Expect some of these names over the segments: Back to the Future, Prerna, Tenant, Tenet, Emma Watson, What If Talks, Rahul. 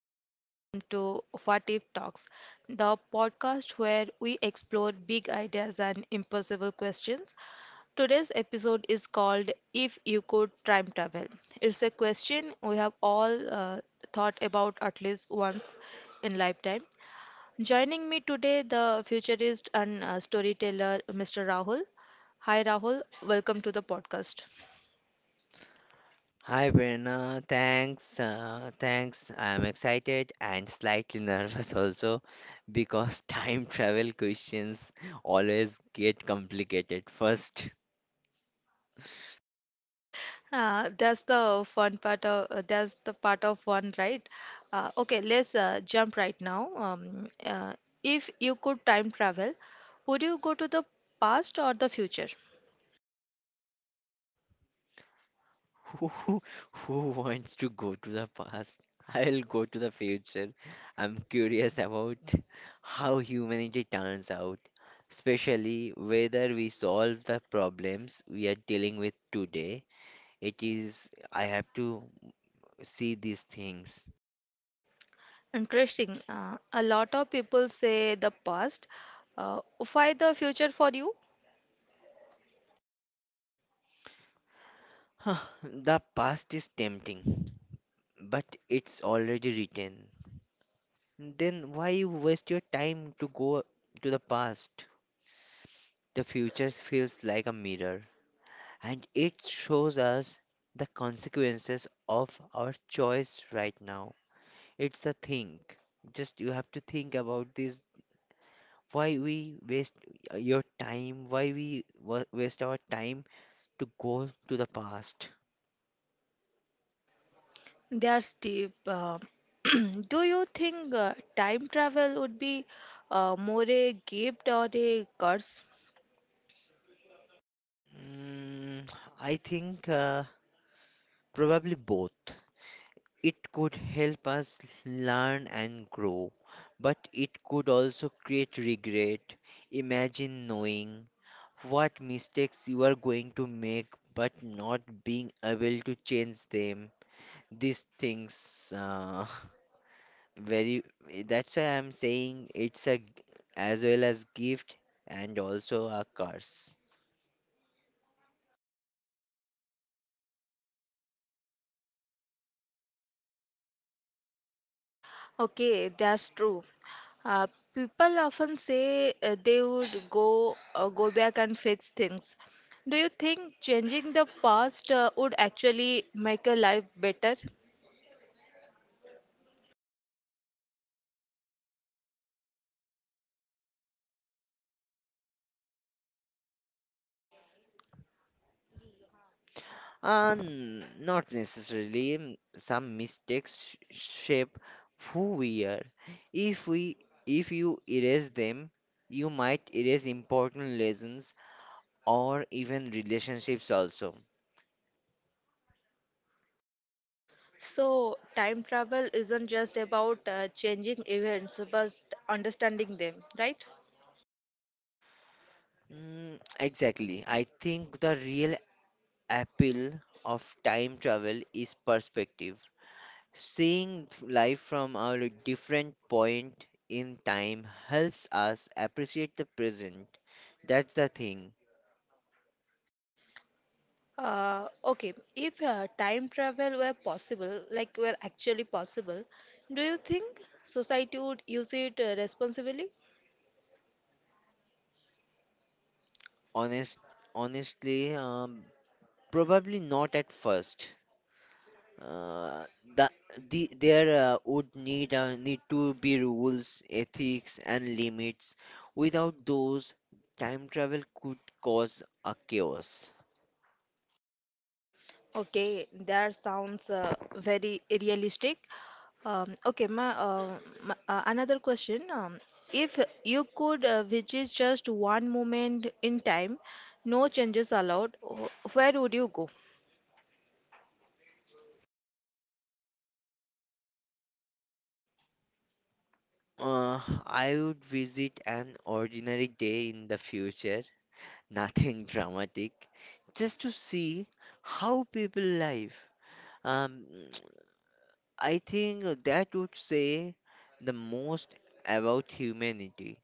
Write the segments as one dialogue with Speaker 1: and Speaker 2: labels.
Speaker 1: and welcome to What If Talks, the podcast where we explore big ideas and impossible questions. Today's episode is called If You Could Time Travel. It's a question we have all thought about at least once in lifetime. Joining me today, the futurist and storyteller Mr. Rahul. Hi Rahul, welcome to the podcast.
Speaker 2: Hi, Prerna. Thanks. Thanks. I'm excited and slightly nervous also because time travel questions always get complicated. First,
Speaker 1: That's the fun part of that's the part of fun, right? Okay, let's jump right now. If you could time travel, would you go to the past or the future?
Speaker 2: who, who wants to go to the past? I'll go to the future. I'm curious about how humanity turns out, especially whether we solve the problems we are dealing with today. It is, I have to see these things.
Speaker 1: Interesting. A lot of people say the past. Uh, why the future for you?
Speaker 2: Huh, the past is tempting, but it's already written. Then why waste your time to go to the past? The future feels like a mirror, and it shows us the consequences of our choice right now. It's a think. Just you have to think about this. Why we waste your time? Why we waste our time to go to the past?
Speaker 1: That's deep. Do you think time travel would be more a gift or a curse?
Speaker 2: Mm, I think probably both. It could help us learn and grow, but it could also create regret. Imagine knowing what mistakes you are going to make but not being able to change them. These things, very that's why I'm saying it's a as well as gift and also a curse.
Speaker 1: Okay, that's true. Uh, People often say they would go back and fix things. Do you think changing the past would actually make a life better?
Speaker 2: Not necessarily. Some mistakes shape who we are. If we, if you erase them, you might erase important lessons or even relationships also.
Speaker 1: So, time travel isn't just about changing events, but understanding them, right?
Speaker 2: Exactly. I think the real appeal of time travel is perspective. Seeing life from a different point in time helps us appreciate the present. That's the thing.
Speaker 1: Uh, okay, if time travel were possible, like were actually possible, do you think society would use it responsibly?
Speaker 2: Honest, honestly, probably not at first. Uh, the, there would need to be rules, ethics, and limits. Without those, time travel could cause a chaos.
Speaker 1: Okay, that sounds very realistic. Okay, my another question. If you could visit just one moment in time, no changes allowed, where would you go?
Speaker 2: I would visit an ordinary day in the future, nothing dramatic, just to see how people live. Um, I think that would say the most about humanity.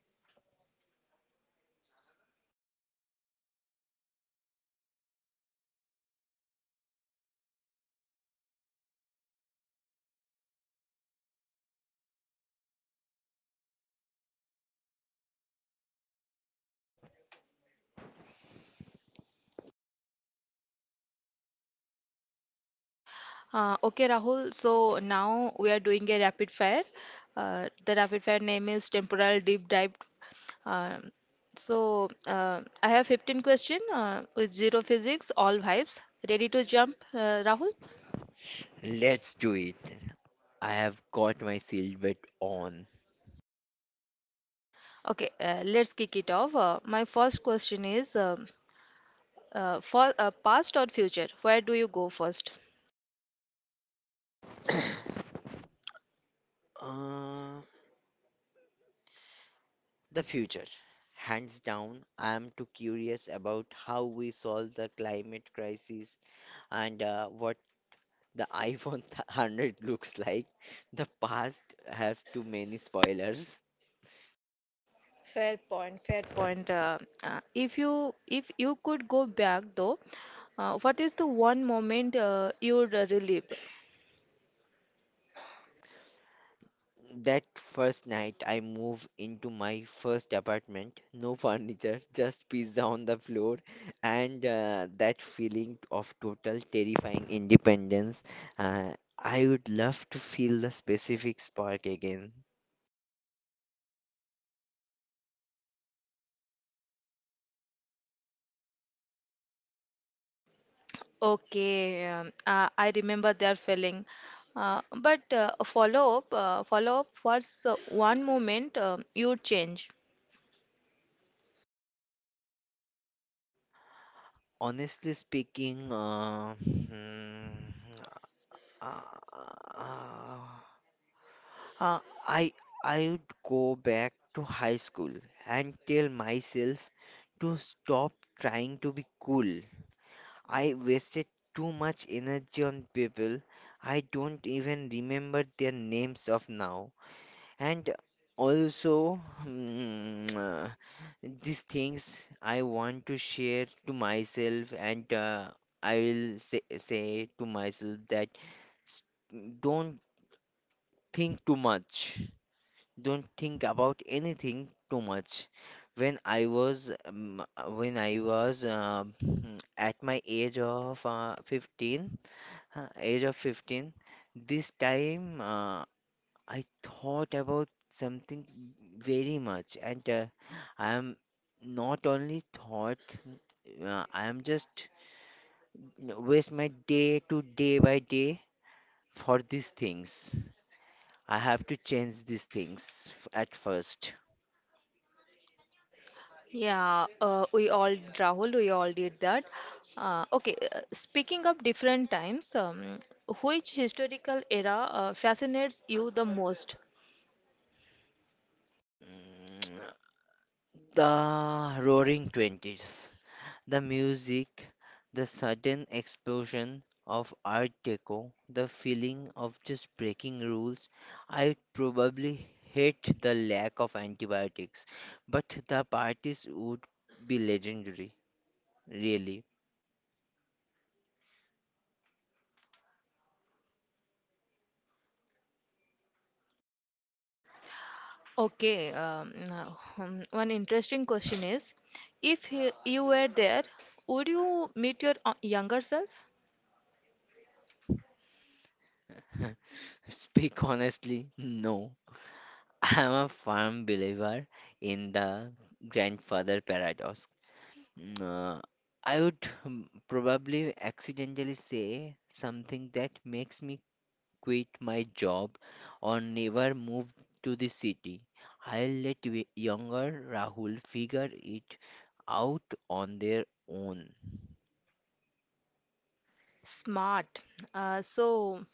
Speaker 1: Okay, Rahul. So now we are doing a rapid fire. The rapid fire name is temporal deep dive. Um, so I have 15 question with zero physics, all vibes. Ready to jump, Rahul?
Speaker 2: Let's do it. I have got my silhouette on.
Speaker 1: Okay, let's kick it off. My first question is for past or future, where do you go first?
Speaker 2: Uh, the future. Hands down, I am too curious about how we solve the climate crisis and what the iPhone 100 looks like. The past has too many spoilers.
Speaker 1: Fair point, fair point. If you could go back though, what is the one moment you would relive?
Speaker 2: That first night I moved into my first apartment, no furniture, just pizza on the floor, and that feeling of total terrifying independence. I would love to feel the specific spark again.
Speaker 1: Okay, I remember that feeling. Uh, but follow up. What's one moment you would change?
Speaker 2: Honestly speaking, uh, hmm, uh, uh, I I would go back to high school and tell myself to stop trying to be cool. I wasted too much energy on people I don't even remember their names of now. And also, mm, uh, these things I want to share to myself, and I will say to myself that s- don't think too much. Don't think about anything too much. When I was at my age of 15, age of 15. This time I thought about something very much, and I am not only thought, I am just waste my day to day by day for these things. I have to change these things at first.
Speaker 1: Yeah, we all, Rahul, we all did that. Okay, speaking of different times, which historical era fascinates you the most?
Speaker 2: Mm, The roaring 20s. The music, the sudden explosion of Art Deco, the feeling of just breaking rules. I probably hate the lack of antibiotics, but the parties would be legendary, really.
Speaker 1: Okay, now, one interesting question is, if you were there, would you meet your younger self?
Speaker 2: Speak honestly, no. I'm a firm believer in the grandfather paradox. Mm, Uh, I would probably accidentally say something that makes me quit my job or never move to the city. I'll let younger Rahul figure it out on their own.
Speaker 1: Smart. So,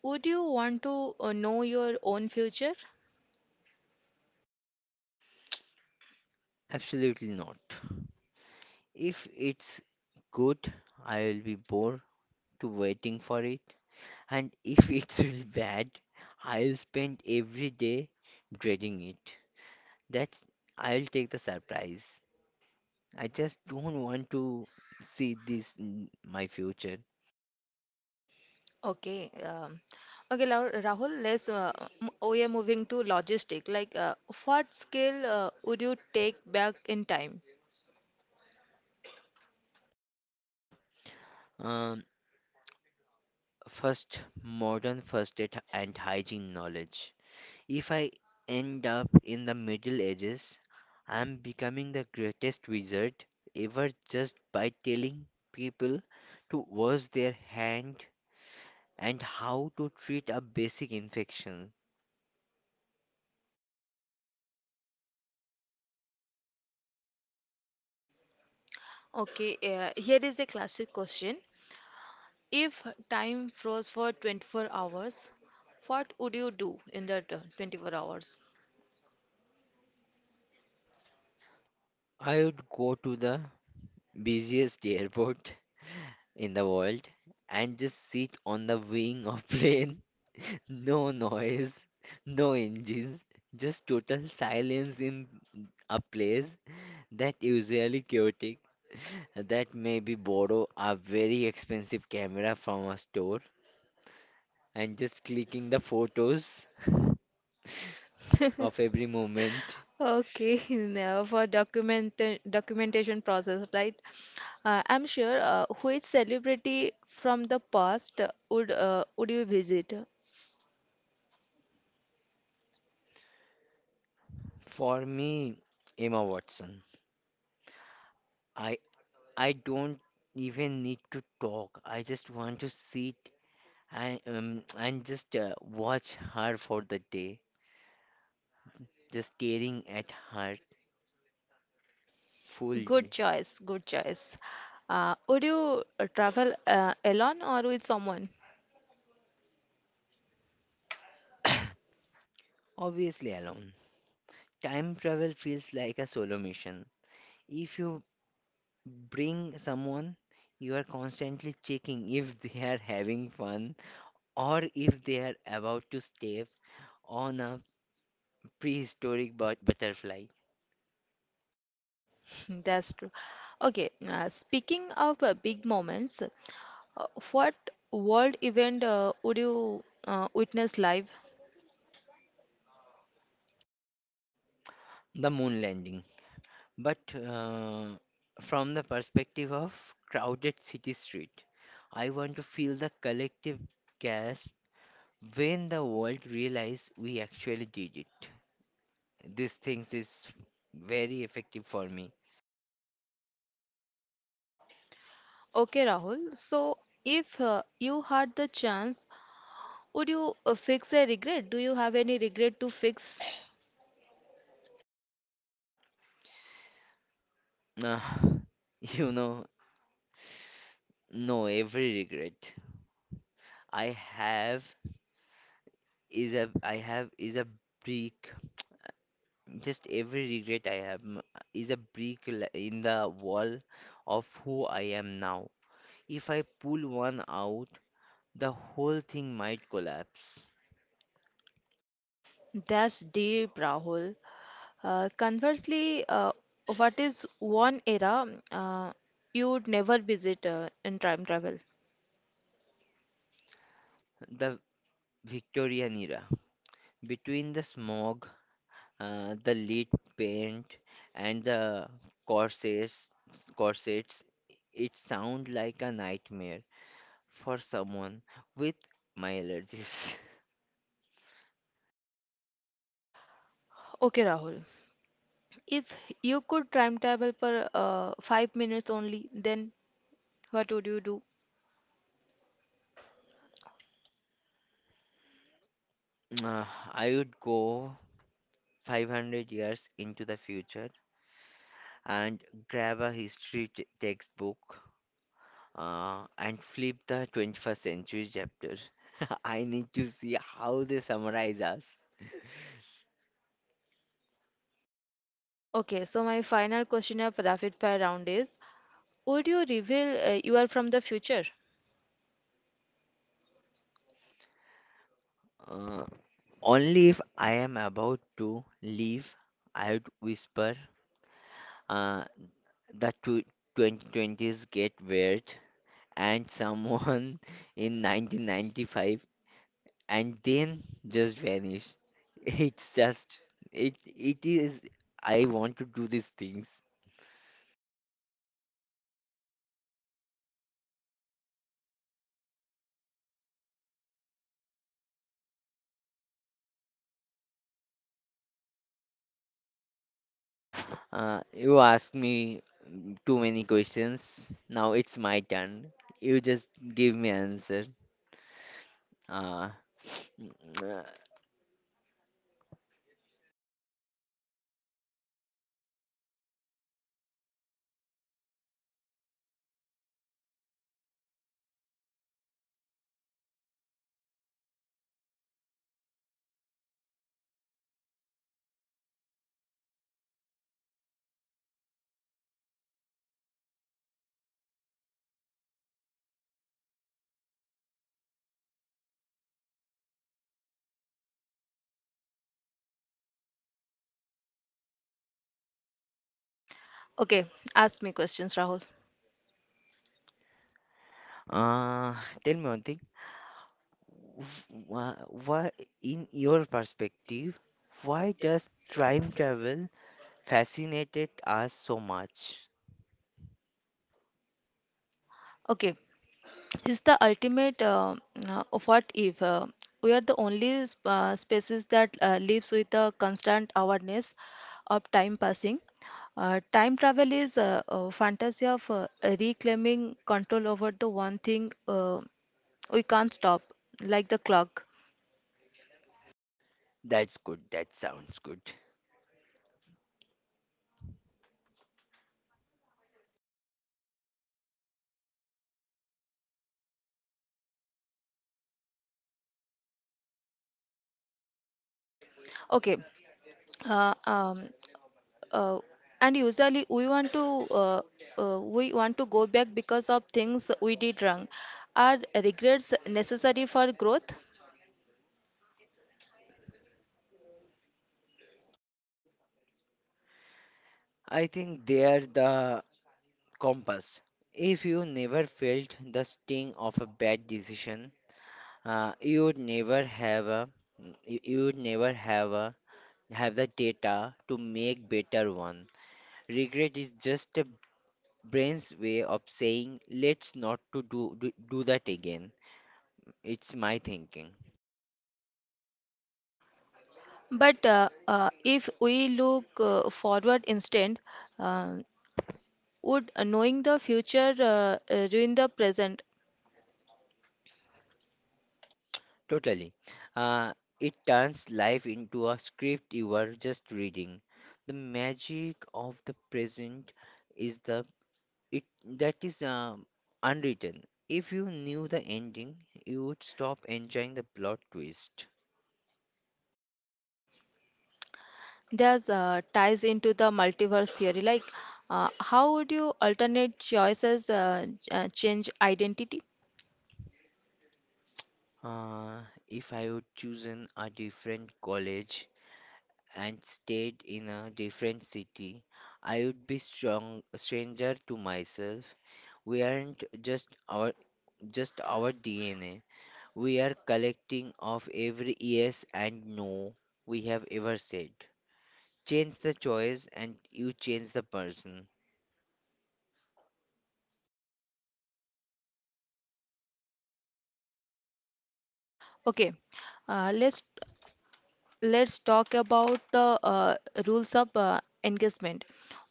Speaker 1: would you want to know your own future?
Speaker 2: Absolutely not. If it's good, I will be bored to waiting for it, and if it's really bad, I'll spend every day dreading it. That's I'll take the surprise. I just don't want to see this in my future.
Speaker 1: Okay. Okay, Rahul, let's, we are moving to logistic. Like, what skill would you take back in time?
Speaker 2: Um, First, modern first aid and hygiene knowledge. If I end up in the Middle Ages, I am becoming the greatest wizard ever just by telling people to wash their hand and how to treat a basic infection.
Speaker 1: Okay, here is a classic question. If time froze for 24 hours, what would you do in that 24 hours?
Speaker 2: I would go to the busiest airport in the world and just sit on the wing of plane. No noise, no engines, just total silence in a place that usually chaotic. That maybe borrow a very expensive camera from a store and just clicking the photos of every moment.
Speaker 1: Okay, now for documentation process, right? I'm sure which celebrity from the past would would you visit?
Speaker 2: For me, Emma Watson. I I don't even need to talk. I just want to sit and just watch her for the day, just staring at her full.
Speaker 1: Good choice, good choice. Would you travel alone or with someone?
Speaker 2: Obviously alone. Time travel feels like a solo mission. If you bring someone, you are constantly checking if they are having fun or if they are about to step on a prehistoric butterfly,
Speaker 1: That's true. Okay, speaking of big moments, what world event would you witness live?
Speaker 2: the moon landing. But from the perspective of crowded city street, I want to feel the collective gasp when the world realizes we actually did it. These things is very effective for me.
Speaker 1: Okay, Rahul. So, if you had the chance, would you fix a regret? Do you have any regret to fix?
Speaker 2: Uh, you know, no, every regret I have is a I have is a brick. Just every regret I have is a brick in the wall of who I am now. If I pull one out, the whole thing might collapse.
Speaker 1: That's deep, Rahul. Conversely, what is one era uh, you'd never visit in time travel?
Speaker 2: The Victorian era, between the smog the lead paint and the corsets corsets, it sound like a nightmare for someone with my allergies.
Speaker 1: Okay, Rahul. If you could time travel for five minutes only, then what would you do?
Speaker 2: Uh, I would go 500 years into the future and grab a history textbook, and flip the 21st century chapter. I need to see how they summarize us.
Speaker 1: Okay, so my final question of rapid fire round is: would you reveal you are from the future?
Speaker 2: uh, Only if I am about to leave. I would whisper, uh, the tw 2020s get weird, and someone in 1995, and then just vanish. It's just it is I want to do these things. You ask me too many questions. Now it's my turn. You just give me answer. Uh, mm, uh,
Speaker 1: Okay, ask me questions, Rahul.
Speaker 2: uh, Tell me one thing. Wha- wha- in your perspective, why does time travel fascinated us so much?
Speaker 1: Okay, is the ultimate of what if we are the only species that lives with a constant awareness of time passing. Time travel is a fantasy of reclaiming control over the one thing we can't stop, like the clock.
Speaker 2: That's good. That sounds good.
Speaker 1: Okay. Uh, um, uh, and usually we want to go back because of things we did wrong. Are regrets necessary for growth?
Speaker 2: I think they are the compass. If you never felt the sting of a bad decision, you would never have a you you would never have a have the data to make better one. Regret is just a brain's way of saying let's not to do that again. It's my thinking.
Speaker 1: But if we look forward instead, uh, would knowing the future ruin the present?
Speaker 2: Totally. Uh, it turns life into a script you are just reading. The magic of the present is the it that is unwritten. If you knew the ending, you would stop enjoying the plot twist.
Speaker 1: There's ties into the multiverse theory. Like, how would you alternate choices change identity?
Speaker 2: Uh, if I would chosen a different college and stayed in a different city, I would be strong stranger to myself. We aren't just our DNA. We are collecting of every yes and no we have ever said. Change the choice and you change the person.
Speaker 1: Okay, let's talk about the rules of engagement.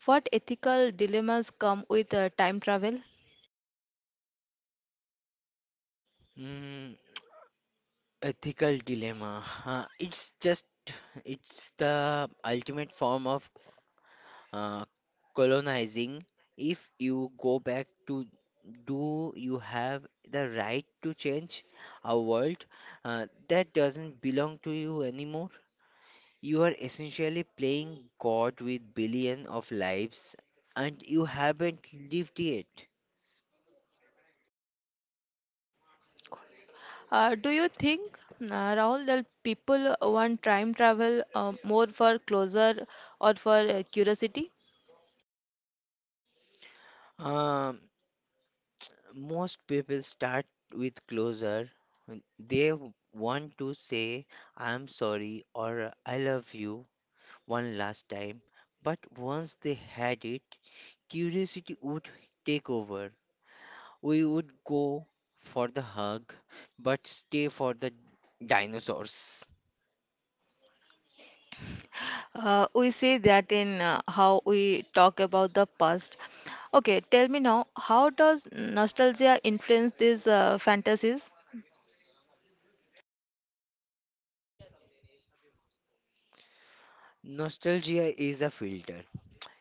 Speaker 1: What ethical dilemmas come with time travel?
Speaker 2: Mm, Ethical dilemma. It's the ultimate form of uh, colonizing. If you go back to, do you have the right to change a world that doesn't belong to you anymore? You are essentially playing God with billions of lives and you haven't lived yet.
Speaker 1: Do you think, Rahul, that people want time travel more for closure or for curiosity?
Speaker 2: Um, Most people start with closure. They want to say, I'm sorry or I love you one last time. But once they had it, curiosity would take over. We would go for the hug, but stay for the dinosaurs.
Speaker 1: We see that in how we talk about the past. Okay, tell me now, how does nostalgia influence these fantasies?
Speaker 2: Nostalgia is a filter.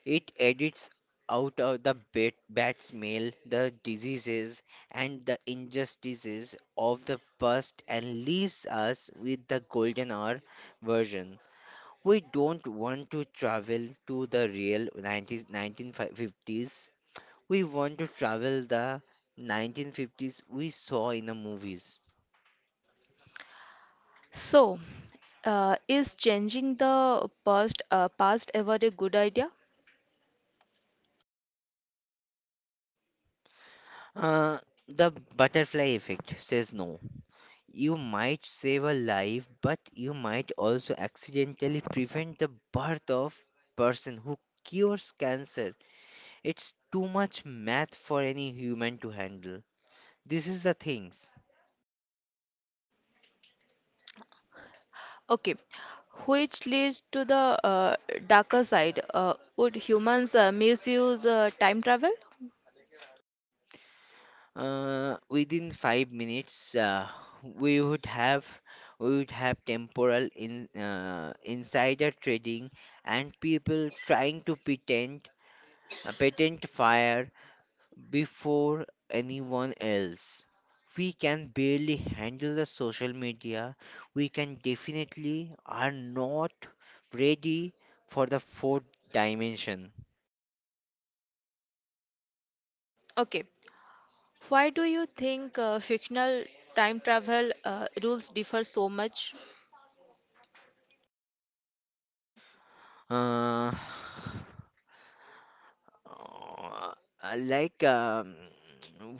Speaker 2: It edits out of the bad smell, the diseases, and the injustices of the past and leaves us with the golden hour version. We don't want to travel to the real 90s, 1950s. We want to travel the 1950s we saw in the movies.
Speaker 1: So, is changing the past ever a good idea?
Speaker 2: Uh, the butterfly effect says no. You might save a life, but you might also accidentally prevent the birth of person who cures cancer. It's too much math for any human to handle. This is the things.
Speaker 1: Okay, which leads to the darker side. Would humans misuse time travel?
Speaker 2: Within 5 minutes, we would have we would have temporal in insider trading and people trying to patent fire before anyone else. We can barely handle the social media. We can definitely are not ready for the fourth dimension.
Speaker 1: Okay, why do you think fictional time travel rules differ so much?
Speaker 2: Uh, uh, like um,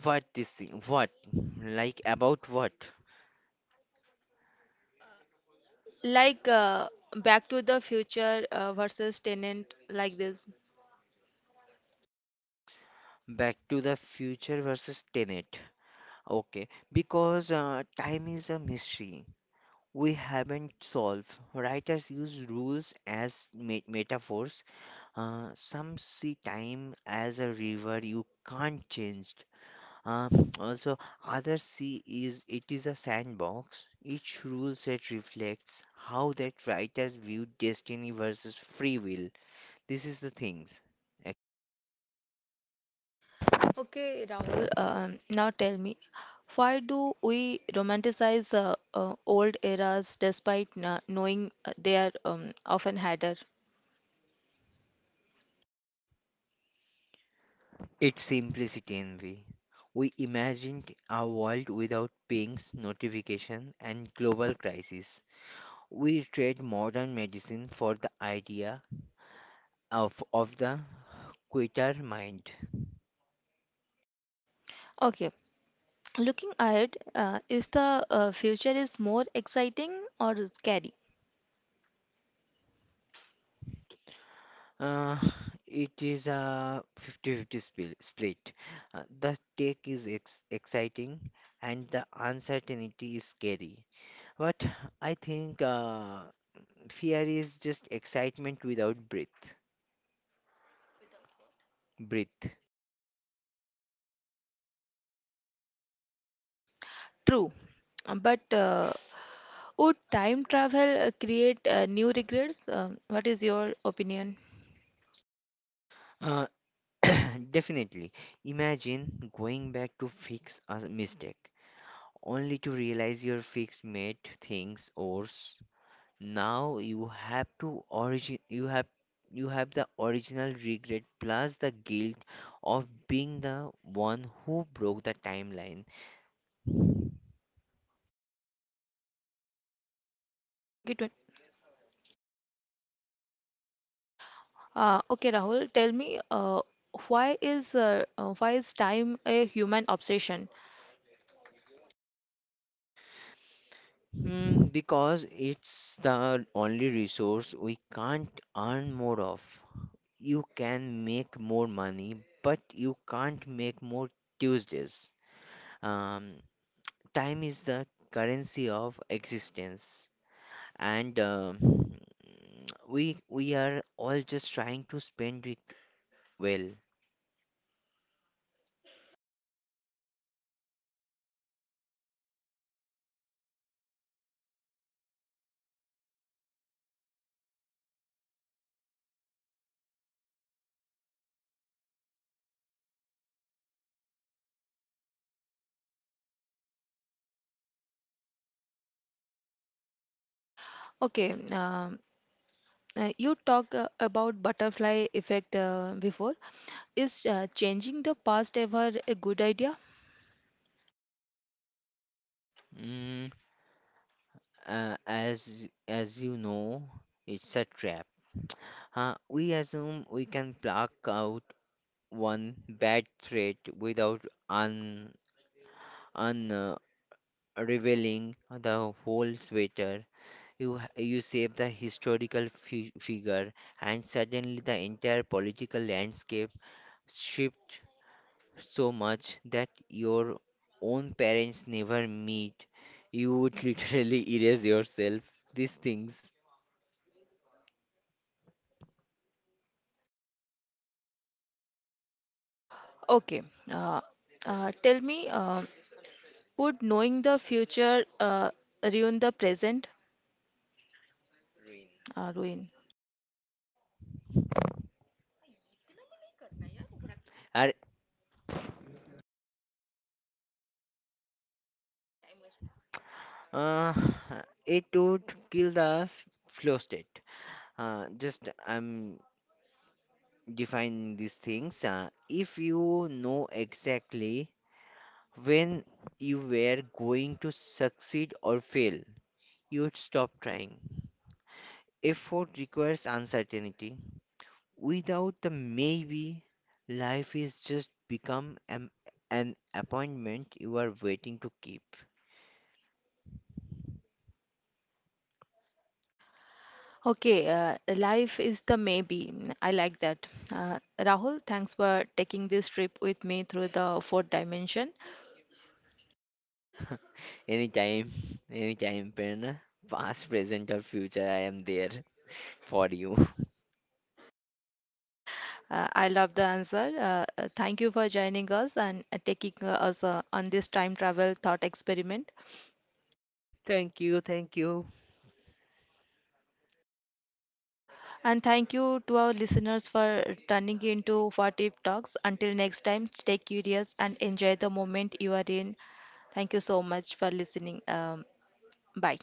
Speaker 2: what this thing? What? Like about what?
Speaker 1: Like Back to the Future versus Tenant, like this.
Speaker 2: Back to the Future versus Tenet. Okay, because time is a mystery we haven't solved. Writers use rules as metaphors. Some see time as a river you can't change. Uh, Also, others see is it is a sandbox. Each rule set reflects how that writers view destiny versus free will. This is the things. ac-
Speaker 1: Okay, Rahul, now tell me, why do we romanticize old eras despite knowing they are often harder?
Speaker 2: It's simplicity envy. We imagined a world without pings, notification, and global crisis. We trade modern medicine for the idea of the quitter mind.
Speaker 1: Okay, looking ahead, is the future is more exciting or scary?
Speaker 2: Uh, it is a 50-50 split. The take is exciting and the uncertainty is scary. But I think fear is just excitement without breath.
Speaker 1: True, but would time travel create new regrets? What is your opinion?
Speaker 2: Uh, Definitely. Imagine going back to fix a mistake, only to realize your fixed mate thinks or now you have to origin you have the original regret plus the guilt of being the one who broke the timeline.
Speaker 1: क्योंकि okay, Rahul, tell me why is time a human obsession?
Speaker 2: Hmm, because it's the only resource we can't earn more of. You can make more money but you can't make more Tuesdays. um, Time is the currency of existence and, we are all just trying to spend it well.
Speaker 1: Okay, you talked about butterfly effect before. Is changing the past ever a good idea?
Speaker 2: Mm, as you know, it's a trap. We assume we can pluck out one bad thread without un un revealing the whole sweater. You you save the historical fi figure, and suddenly the entire political landscape shifts so much that your own parents never meet, you would literally erase yourself. These things
Speaker 1: Okay, uh, tell me, could knowing the future ruin the present? Ruin.
Speaker 2: are uh, it would kill the flow state. Just I'm defining these things. If you know exactly when you were going to succeed or fail, you would stop trying. Effort requires uncertainty. Without the maybe, life is just become an appointment you are waiting to keep.
Speaker 1: Okay, life is the maybe. Mm, I like that. Rahul, thanks for taking this trip with me through the fourth dimension.
Speaker 2: Anytime, anytime, Prerna, past, present, or future, I am there for you.
Speaker 1: I love the answer. Thank you for joining us and taking us on this time travel thought experiment.
Speaker 2: Thank you, thank you.
Speaker 1: And thank you to our listeners for turning into 40 talks. Until next time, stay curious and enjoy the moment you are in. Thank you so much for listening. Bye.